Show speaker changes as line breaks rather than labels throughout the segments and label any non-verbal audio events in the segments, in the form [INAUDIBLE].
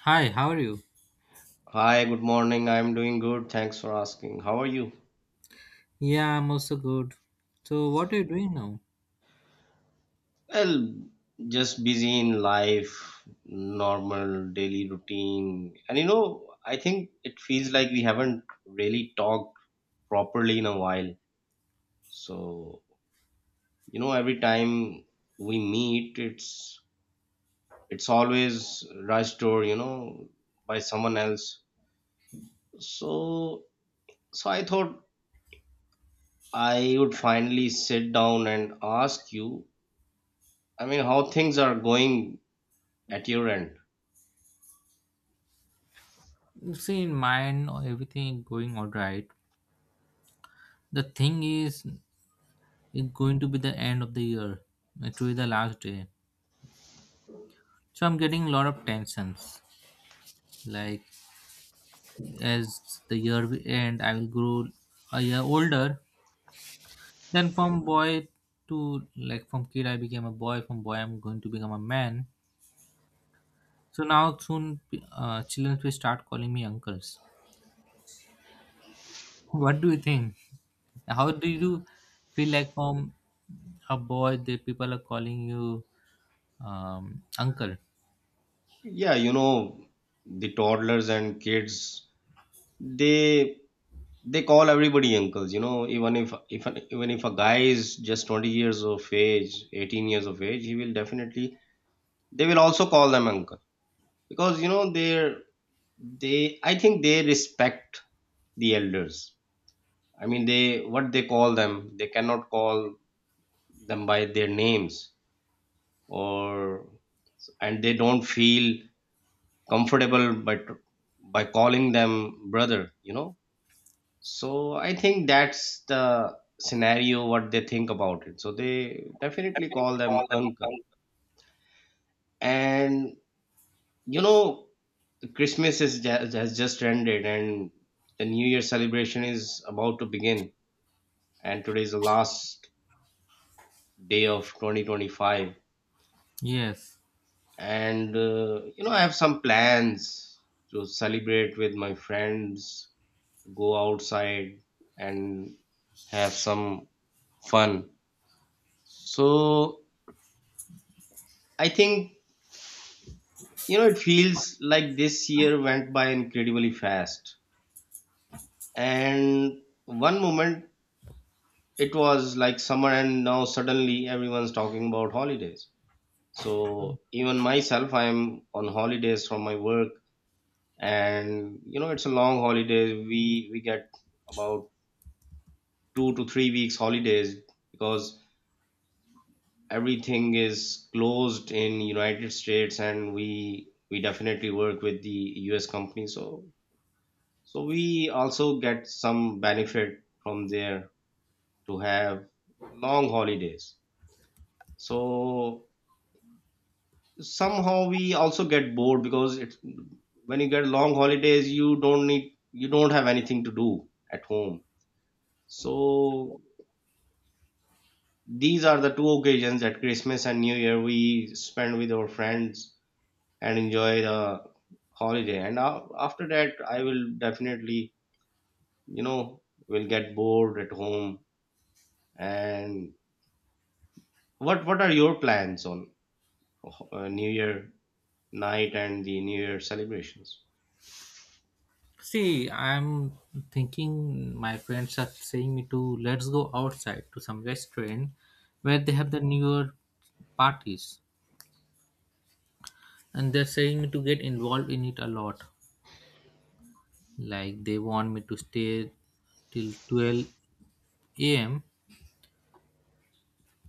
Hi, how are you?
Hi, good morning. I'm doing good. Thanks for asking. How are you?
Yeah, I'm also good. So, what are you doing now?
Well, just busy in life, normal daily routine. And you know, I think it feels like we haven't really talked properly in a while. So, you know, every time we meet, it's always rushed or, you know, by someone else. So, so I thought I would finally sit down and ask you, I mean, how things are going at your end.
See, in mine, everything going all right. The thing is, it's going to be the end of the year. It will be the last day. So I'm getting a lot of tensions. Like as the year will end, I will grow a year older. Then from boy to like from kid, I became a boy. From boy, I'm going to become a man. So now soon, children will start calling me uncles. What do you think? How do you feel like from a boy the people are calling you uncle?
Yeah, you know, the toddlers and kids, they they call everybody uncles. You know, even if even if a guy is just 20 years of age, 18 years of age, he will definitely, they will also call them uncle, because you know they, I think, they respect the elders. I mean, they, what they call them, they cannot call them by their names, or, and they don't feel comfortable by by calling them brother, you know. So I think that's the scenario, what they think about it, so they
I
definitely
think we
call
call
them
them
uncle.
uncle.
And you know, has just ended, and the new year celebration is about to begin, and today is the last day of 2025.
Yes.
And you know, I have some plans to celebrate with my friends, go outside and have some fun. So I think, you know, it feels like this year went by incredibly fast. And one moment it was like summer, and now suddenly everyone's talking about holidays. So even myself, I'm on holidays from my work, and you know it's a long holiday. We get about 2 to 3 weeks holidays because everything is closed in United States, and we definitely work with the US company. So so we also get some benefit from there to have long holidays. So somehow we also get bored, because it's, when you get long holidays, you don't have anything to do at home. So these are the two occasions, at Christmas and New Year, we spend with our friends and enjoy the holiday. And after that, I will definitely, you know, will get bored at home. And what are your plans on new year night and the new year celebrations?
See, I'm thinking my friends are saying me to let's go outside to some restaurant where they have the newer parties. And they're saying me to get involved in it a lot. Like they want me to stay till 12 a.m.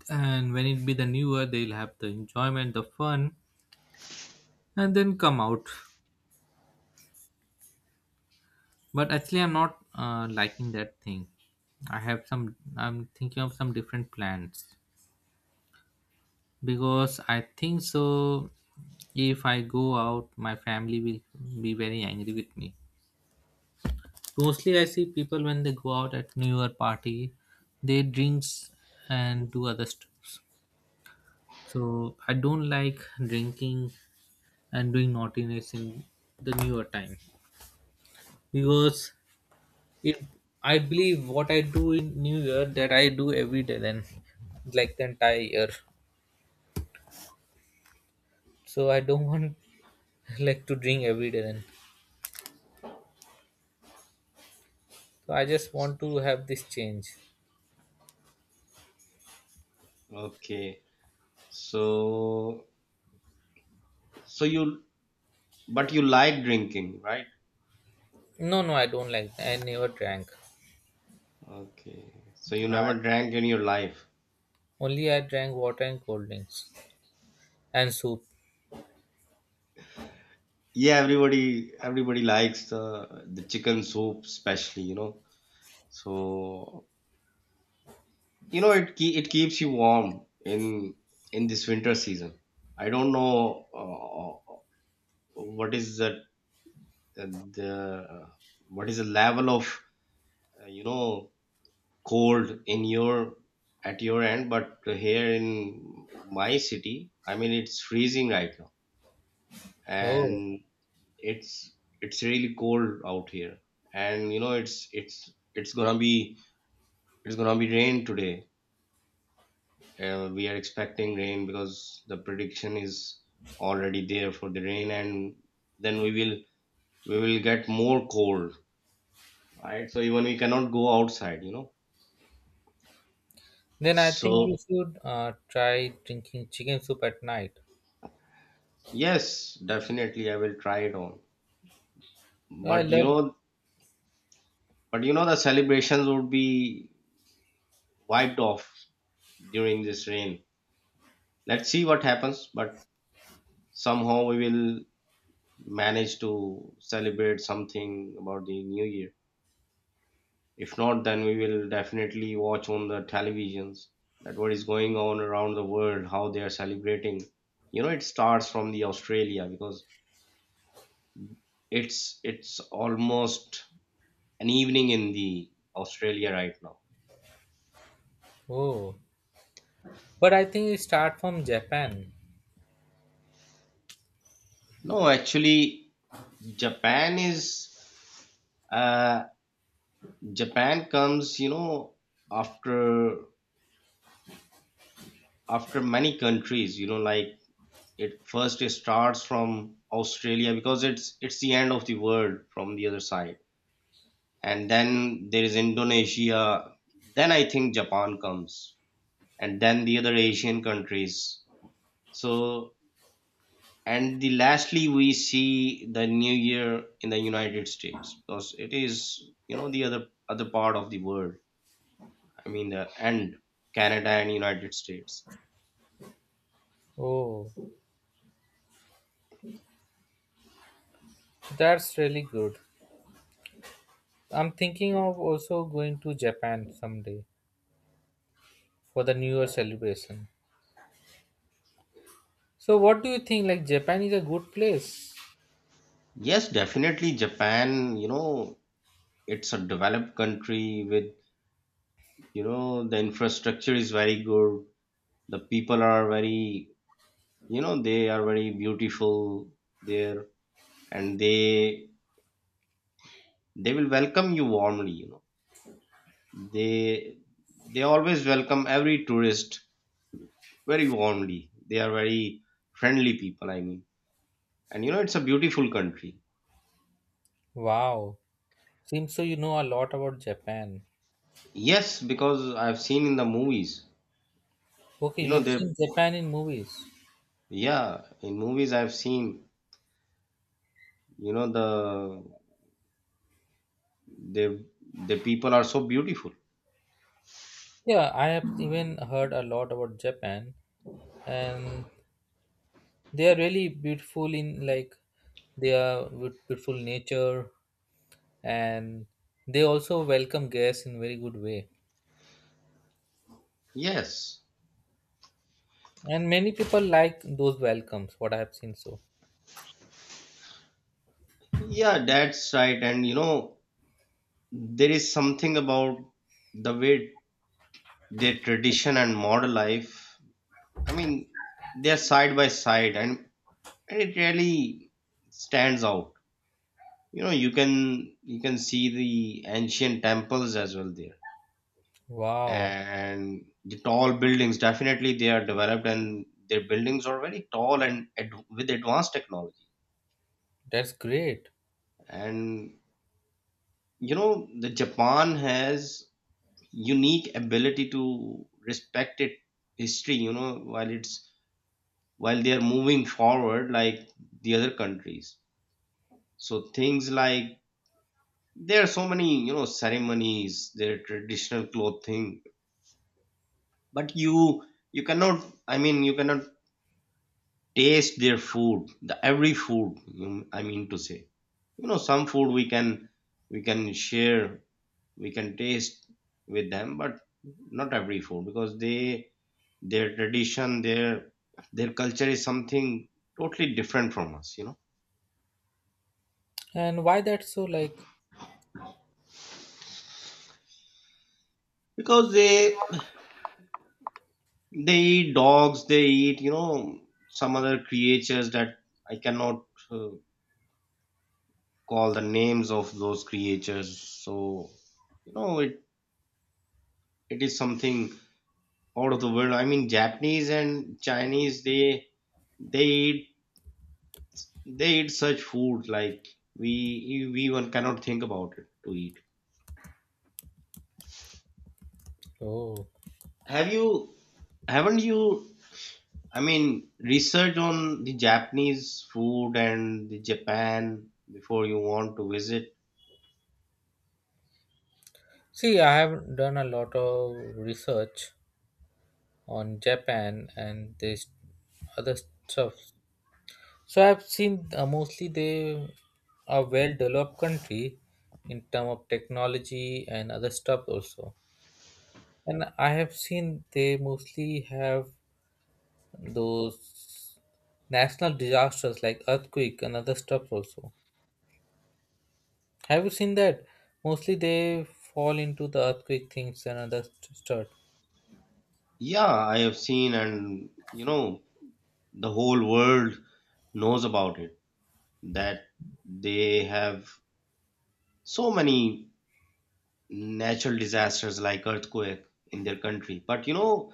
And when it be the newer, they'll have the enjoyment the fun and then come out. But actually, I'm not liking that thing. I have some, I'm thinking of some different plans, because I think so if I go out my family will be very angry with me. Mostly I see people when they go out at new year party, they drinks and do other stuff. So I don't like drinking and doing naughtiness in the newer time, because it I believe what I do in new year that I do every day then, like the entire year. So I don't want [LAUGHS] like to drink every day then. So I just want to have this change.
Okay, so so you but you like drinking, right?
No, no, I don't like, I never drank.
Okay, so you
I,
never drank in your life.
only I drank water and cold drinks and soup.
Yeah, everybody likes the chicken soup especially, you know. So you know, it keeps you warm in in this winter season. I don't know, uh, what is the, uh, the uh, what is the level of, you know, cold in your, at your end. But here in my city, I mean, it's freezing right now.
Oh,
And it's it's really cold out here. And you know, it's gonna be it's gonna be rain today. We are expecting rain because the prediction is already there for the rain, and then we will get more cold, right? So even we cannot go outside, you know.
then I think
So
you should try drinking chicken soup at night.
yes, definitely I will try it on.
I
But you
love.
know, but you know the celebrations would be wiped off during this rain. Let's see what happens, but somehow we will manage to celebrate something about the new year. If not, then we will definitely watch on the televisions that what is going on around the world, how they are celebrating. You know, it starts from the Australia because it's almost an evening in the Australia right now.
Oh, but I think it start from Japan.
No, actually, Japan is, uh, Japan comes, you know, after after many countries, you know, like it starts from Australia because it's the end of the world from the other side, and then there is Indonesia. Then I think Japan comes, and then the other Asian countries. So, and the lastly, we see the New Year in the United States because it is, you know, the other part of the world. I mean, the end, Canada and United States.
Oh, that's really good. I'm thinking of also going to Japan someday for the New Year celebration. So, what do you think? Like, Japan is a good place.
Yes, definitely Japan. You know, it's a developed country with, you know, the infrastructure is very good. The people are very, you know, they are very beautiful there, and they will welcome you warmly, you know. They they always welcome every tourist very warmly. They are very friendly people, I mean. And you know, it's a beautiful country.
Wow. Seems so you know a lot about Japan.
Yes, because I've seen in the movies.
Okay,
You
you
know
have
they,
seen Japan in movies.
yeah, in movies I've seen, you know, the the people are so beautiful.
Yeah, I have even heard a lot about Japan, and they are really beautiful in like they are with beautiful nature, and they also welcome guests in very good way.
Yes,
And many people like those welcomes. What I have seen so.
yeah, that's right. And you know, there is something about the way their tradition and modern life, I mean, they're side by side, and it really stands out. You know, you can, you can see the ancient temples as well there,
Wow,
and the tall buildings. Definitely they are developed, and their buildings are very tall and with advanced technology.
that's great.
And you know, the Japan has unique ability to respect its history, you know, while it's, while they are moving forward like the other countries. So things like, there are so many, you know, ceremonies, their traditional clothing. But you cannot, I mean, you cannot taste their food, the every food I mean to say, you know, some food we can, we can share, we can taste with them, but not every food, because they, their tradition, their culture is something totally different from us, you know.
And why that's so like?
Because they eat dogs, they eat, you know, some other creatures that I cannot, uh, call the names of those creatures. So you know, it is something out of the world. I mean, Japanese and Chinese, they eat, they eat such food like we we even cannot think about it to eat.
Oh,
Have you, haven't you, I mean, research on the Japanese food and the Japan before you want to visit?
see, I have done a lot of research on Japan and this other stuff. So I've seen mostly they are well developed country in term of technology and other stuff also. And I have seen they mostly have those national disasters like earthquake and other stuff also. Have you seen that? Mostly they fall into the earthquake things and other stuff.
Yeah, I have seen, and you know, the whole world knows about it that they have so many natural disasters like earthquake in their country. But you know,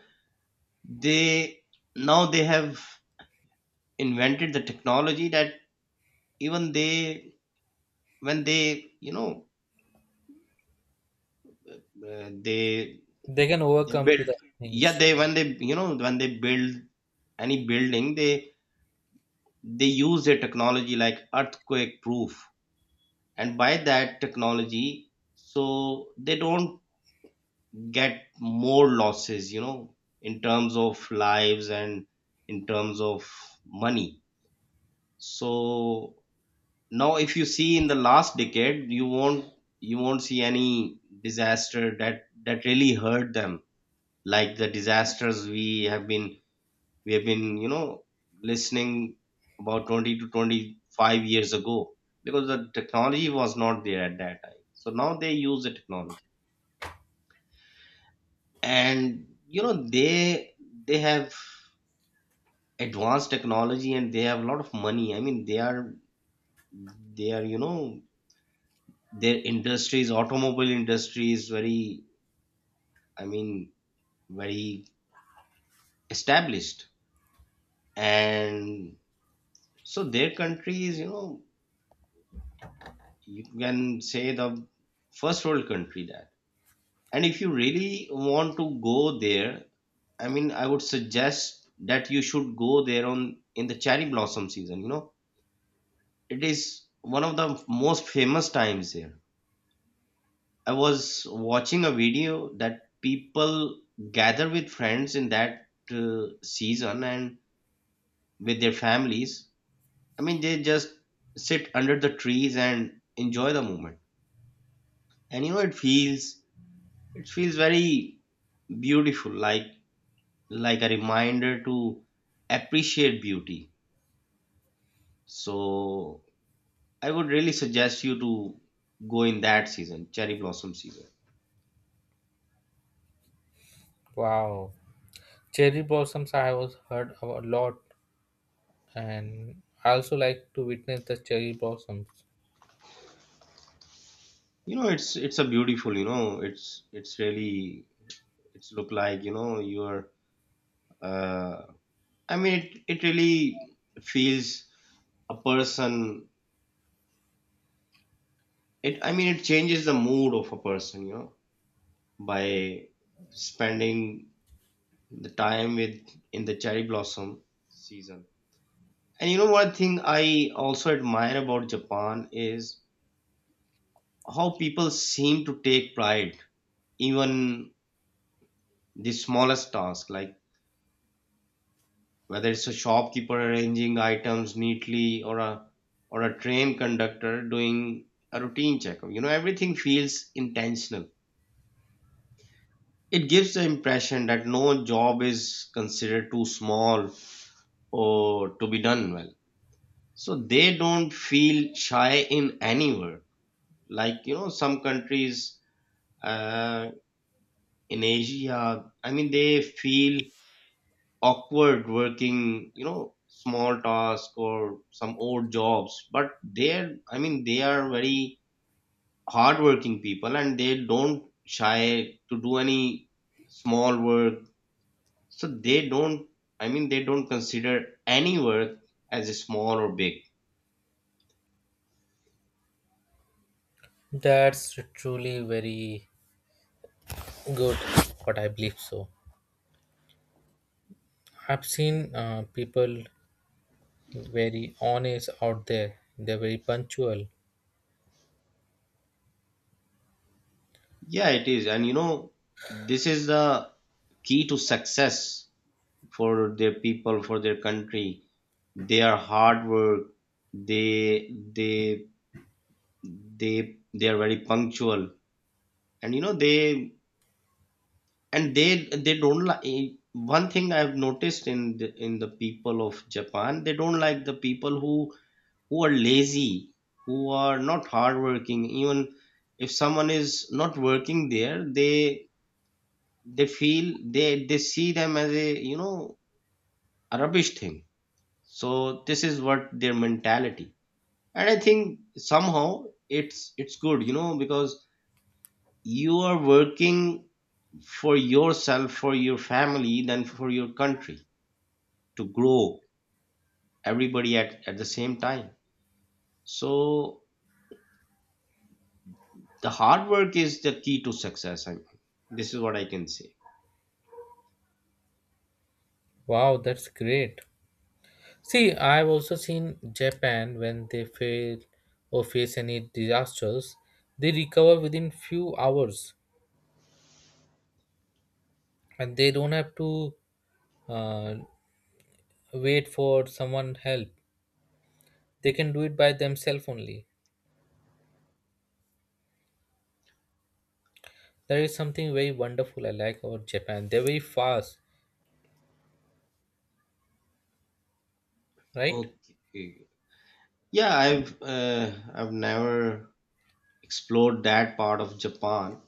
they, now they have invented the technology that even they, when they, you know, uh, they
They can
they
overcome to
build,
the
yeah,
things.
they, when they, you know, when they build any building, they use their technology like earthquake proof, and by that technology, so they don't get more losses, you know, in terms of lives and in terms of money. So now if you see in the last decade, you won't see any disaster that, that really hurt them, like the disasters we have been, we have been, you know, listening about 20 to 25 years ago, because the technology was not there at that time. So now they use the technology, and you know, they have advanced technology, and they have a lot of money. I mean, they are, they are, you know, their industries, automobile industry is very, I mean, very established. And so their country is, you know, you can say the first world country that. And if you really want to go there, I mean, I would suggest that you should go there on, in the cherry blossom season. You know, it is one of the most famous times here. I was watching a video that people gather with friends in that season, and with their families. I mean, they just sit under the trees and enjoy the moment. And you know, it feels very beautiful, like a reminder to appreciate beauty. So I would really suggest you to go in that season, cherry blossom season.
Wow. Cherry blossoms I was heard of a lot, and I also like to witness the cherry blossoms.
You know, it's a beautiful. You know, it's really, it's look like, you know, you're. Uh, I mean, it really feels a person. It, I mean, it changes the mood of a person. You know, by spending the time with, in the cherry blossom season. And you know, one thing I also admire about Japan is how people seem to take pride, even the smallest task, like whether it's a shopkeeper arranging items neatly or a, or a train conductor doing a routine checkup. You know, everything feels intentional. It gives the impression that no job is considered too small or to be done well. So they don't feel shy in any word. Like, you know, some countries, uh, in Asia, I mean, they feel awkward working, you know, small task or some odd jobs. But they're, I mean, they are very hardworking people, and they don't shy to do any small work. So they don't, I mean, they don't consider any work as a small or big.
That's truly very good what I believe so. I've seen people very honest out there. They're very punctual.
Yeah, it is. And, you know, this is the key to success for their people, for their country. They are hard work, they they they are very punctual, and you know they, and they don't like. One thing I've noticed in the people of Japan, they don't like the people who are lazy, who are not hardworking. Even if someone is not working there, they feel they see them as a a rubbish thing. So this is what their mentality. And I think somehow it's good, you know, because you are working for yourself, for your family, then for your country to grow, everybody at the same time. So the hard work is the key to success. I, this is what I can say.
Wow, that's great. See, I've also seen Japan when they fail or face any disasters, they recover within few hours and they don't have to uh, wait for someone help. They can do it by themselves only. That is something very wonderful I like about Japan. They're very fast, right?
Okay, yeah, I've never explored that part of Japan,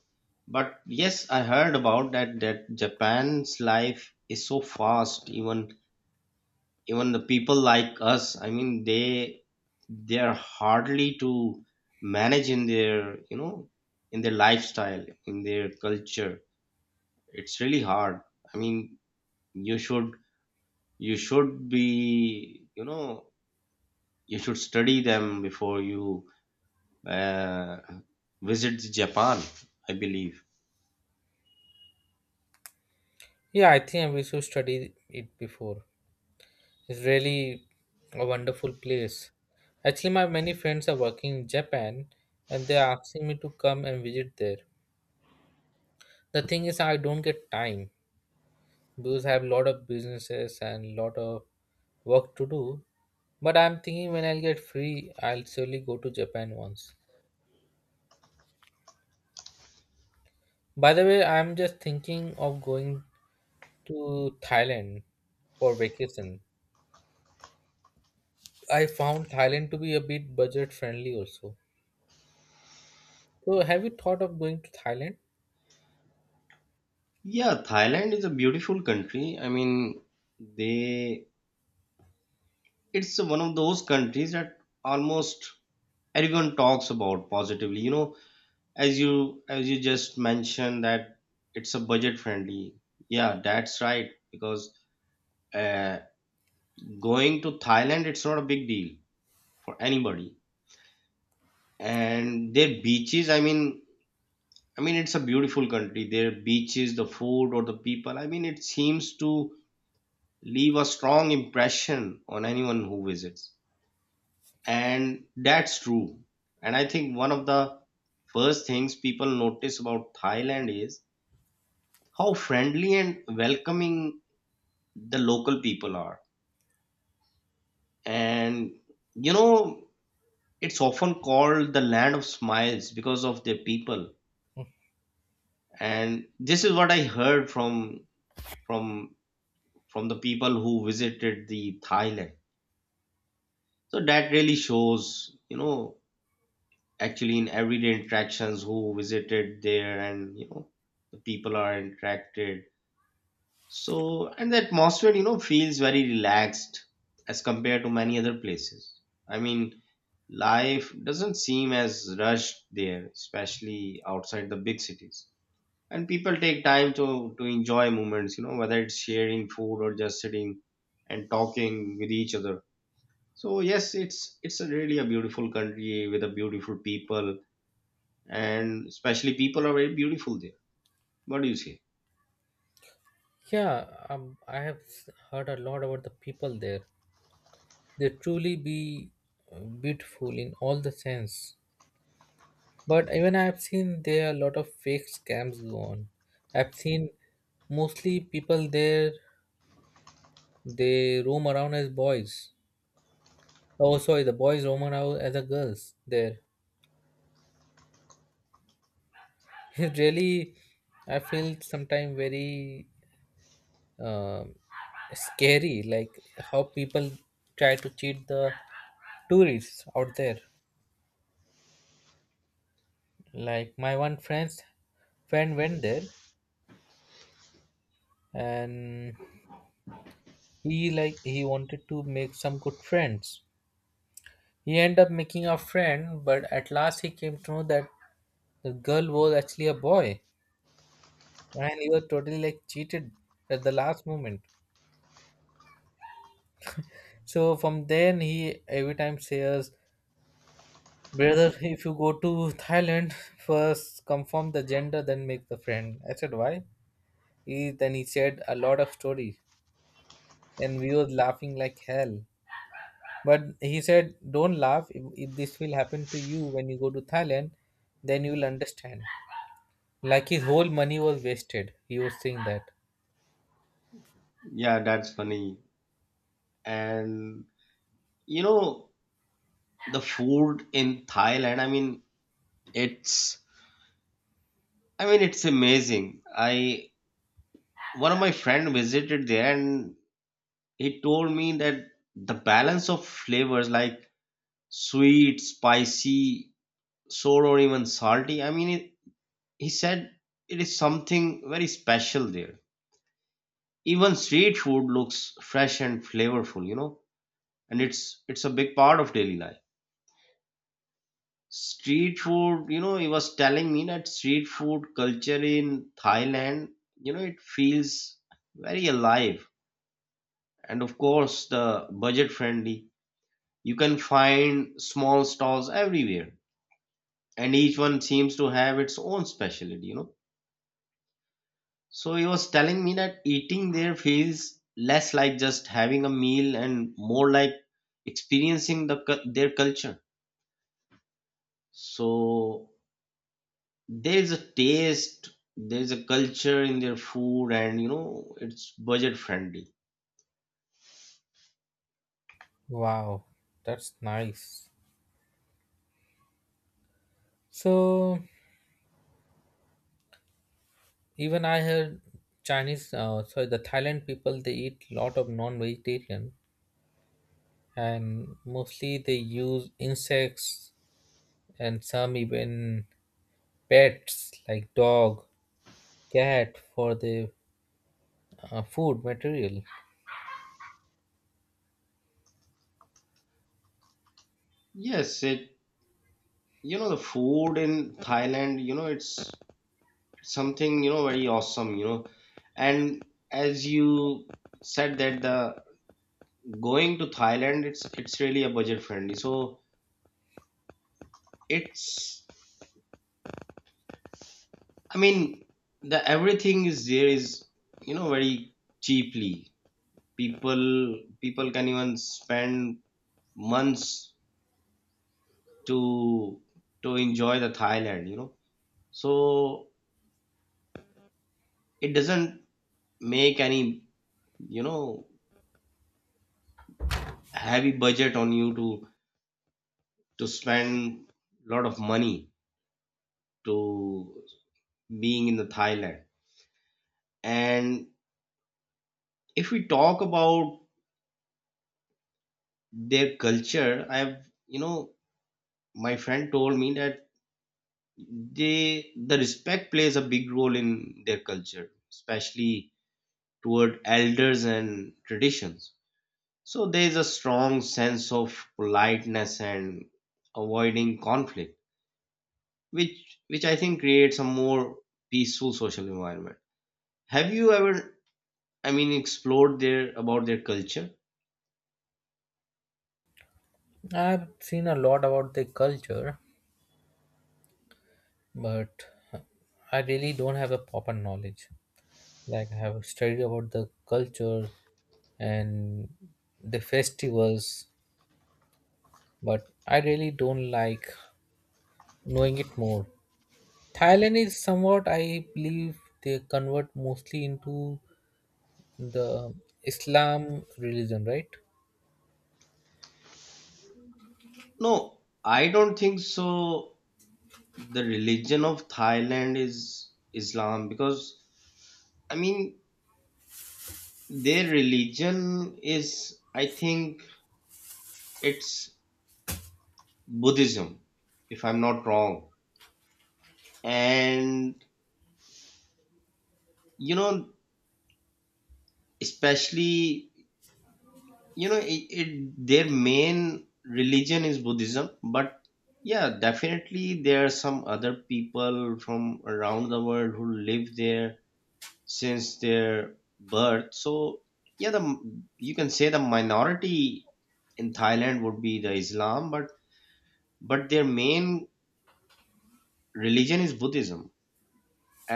but yes, I heard about that, that Japan's life is so fast. Even even the people like us, I mean, they are hardly to manage in their, in their lifestyle, in their culture. It's really hard. I mean, you should you should be you know you should study them before you uh, visit Japan, I believe.
Yeah, I think we should study it before. It's really a wonderful place. Actually, my many friends are working in Japan and they're asking me to come and visit there. The thing is, I don't get time because I have a lot of businesses and lot of work to do. But I'm thinking when I'll get free, I'll surely go to Japan once. By the way, I'm just thinking of going to Thailand for vacation. I found Thailand to be a bit budget friendly also. So, have you thought of going to Thailand?
Yeah, Thailand is a beautiful country. I mean, they it's one of those countries that almost everyone talks about positively, you know. As you just mentioned that it's a budget friendly, yeah, that's right, because uh, going to Thailand, it's not a big deal for anybody. And their beaches, I mean, I mean, it's a beautiful country. Their beaches, the food, or the people, I mean, it seems to leave a strong impression on anyone who visits. And that's true. And I think one of the first things people notice about Thailand is how friendly and welcoming the local people are. And, you know, it's often called the land of smiles because of their people. And this is what I heard from from the people who visited the Thailand. So that really shows, actually in everyday interactions, who visited there, and the people are interacted. So, and the atmosphere, feels very relaxed as compared to many other places. I mean, life doesn't seem as rushed there, especially outside the big cities. And people take time to enjoy moments, whether it's sharing food or just sitting and talking with each other. So yes, it's a really a beautiful country with a beautiful people, and especially people are very beautiful there. What do you say?
Yeah, I have heard a lot about the people there. They truly be uh, beautiful in all the sense. But even I've seen there are a lot of fake scams go on. I've seen mostly people there they roam around as boys. Oh sorry, the boys roam around as the girls there. [LAUGHS] It really I feel sometimes very um scary, like how people try to cheat the tourists out there. Like my one friend's friend went there, and he like he wanted to make some good friends. He ended up making a friend, but at last he came to know that the girl was actually a boy, and he was totally like cheated at the last moment. So from then he every time says, "Brother, if you go to Thailand, first confirm the gender, then make the friend." I said, "Why?" He then he said a lot of stories, and we was laughing like hell. But he said, "Don't laugh. If this will happen to you when you go to Thailand, then you will understand." Like his whole money was wasted. He was saying that.
Yeah, that's funny. And, you know, the food in Thailand, it's I mean, it's amazing. I one of my friend visited there, and he told me that the balance of flavors, like sweet, spicy, sour, or even salty, I mean, it, he said it is something very special there. Even street food looks fresh and flavorful, and it's a big part of daily life. Street food, he was telling me that street food culture in Thailand, it feels very alive. And of course, the budget friendly. You can find small stalls everywhere, and each one seems to have its own specialty, So he was telling me that eating there feels less like just having a meal and more like experiencing the their culture. So there's a taste, there's a culture in their food, and it's budget friendly.
Wow, that's nice. So even I heard Chinese, sorry, the Thailand people they eat lot of non-vegetarian and mostly they use insects and some even pets like dog, cat for the food material.
Yes, it, the food in Thailand, it's something, very awesome, and as you said that the going to Thailand, it's really a budget friendly. So it's, I mean, the everything is there is, very cheaply. People can even spend months to to enjoy the Thailand, So it doesn't make any, you know, heavy budget on you to spend a lot of money to being in the Thailand. And if we talk about their culture, I've, my friend told me that they the respect plays a big role in their culture, especially toward elders and traditions. So there is a strong sense of politeness and avoiding conflict, which I think creates a more peaceful social environment. Have you ever, I mean, explored their about their culture?
I've seen a lot about their culture, but I really don't have a proper knowledge. Like I have studied about the culture and the festivals, but I really don't like knowing it more. Thailand is somewhat, I believe, they convert mostly into the Islam religion, right?
No, I don't think so. The religion of Thailand is Islam because I mean their religion is, I think, it's Buddhism, if I'm not wrong. And, you know especially, it, it their main religion is Buddhism. But yeah, definitely there are some other people from around the world who live there since their birth. So yeah, the you can say the minority in Thailand would be the Islam, but their main religion is Buddhism.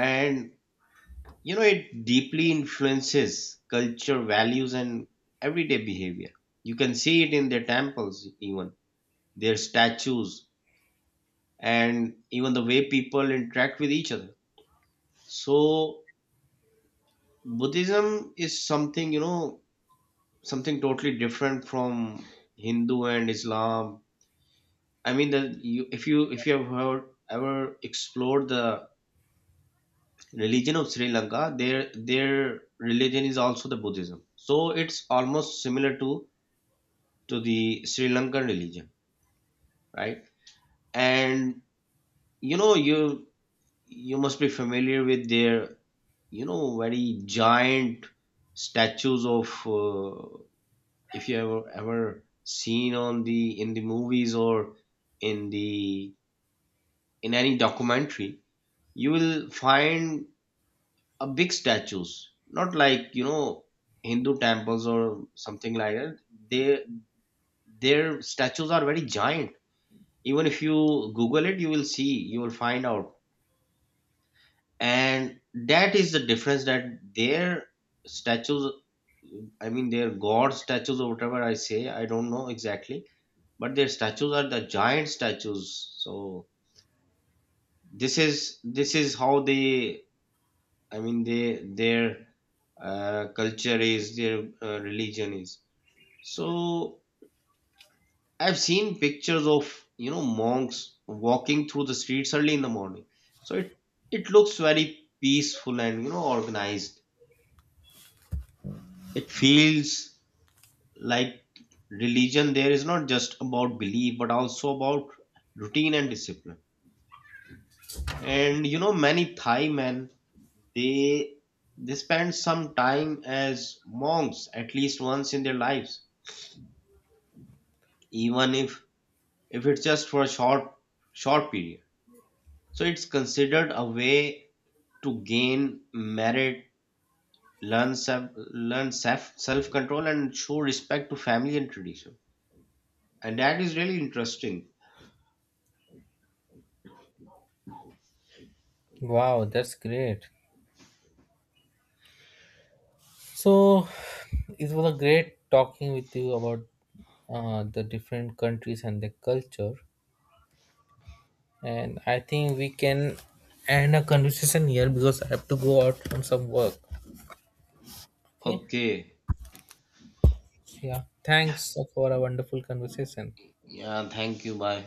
And you know, it deeply influences culture, values, and everyday behavior. You can see it in their temples, even their statues, and even the way people interact with each other. So, Buddhism is something, something totally different from Hindu and Islam. I mean, the, you, if you have heard, ever explored the religion of Sri Lanka, their religion is also the Buddhism. So it's almost similar to the Sri Lankan religion, right? And, you you must be familiar with their very giant statues of if you ever ever seen on the in the movies or in the in any documentary, you will find a big statues, not like, Hindu temples or something like that. They their statues are very giant. Even if you Google it, you will see, you will find out. And that is the difference, that their statues, I mean, their god statues or whatever I say, I don't know exactly, but their statues are the giant statues. So this is how they, I mean, they their culture is their religion is. So I've seen pictures of, monks walking through the streets early in the morning. So it looks very peaceful and, organized. It feels like religion there is not just about belief but also about routine and discipline. And many Thai men they they spend some time as monks at least once in their lives, even if it's just for a short period. So it's considered a way to gain merit, learn self, learn self control, and show respect to family and tradition. And that is really interesting.
Wow, that's great. So, it was a great talking with you about the different countries and their culture. And I think we can end a conversation here because I have to go out on some work. Okay.
Okay.
Yeah. Thanks for a wonderful conversation.
Yeah. Thank you. Bye.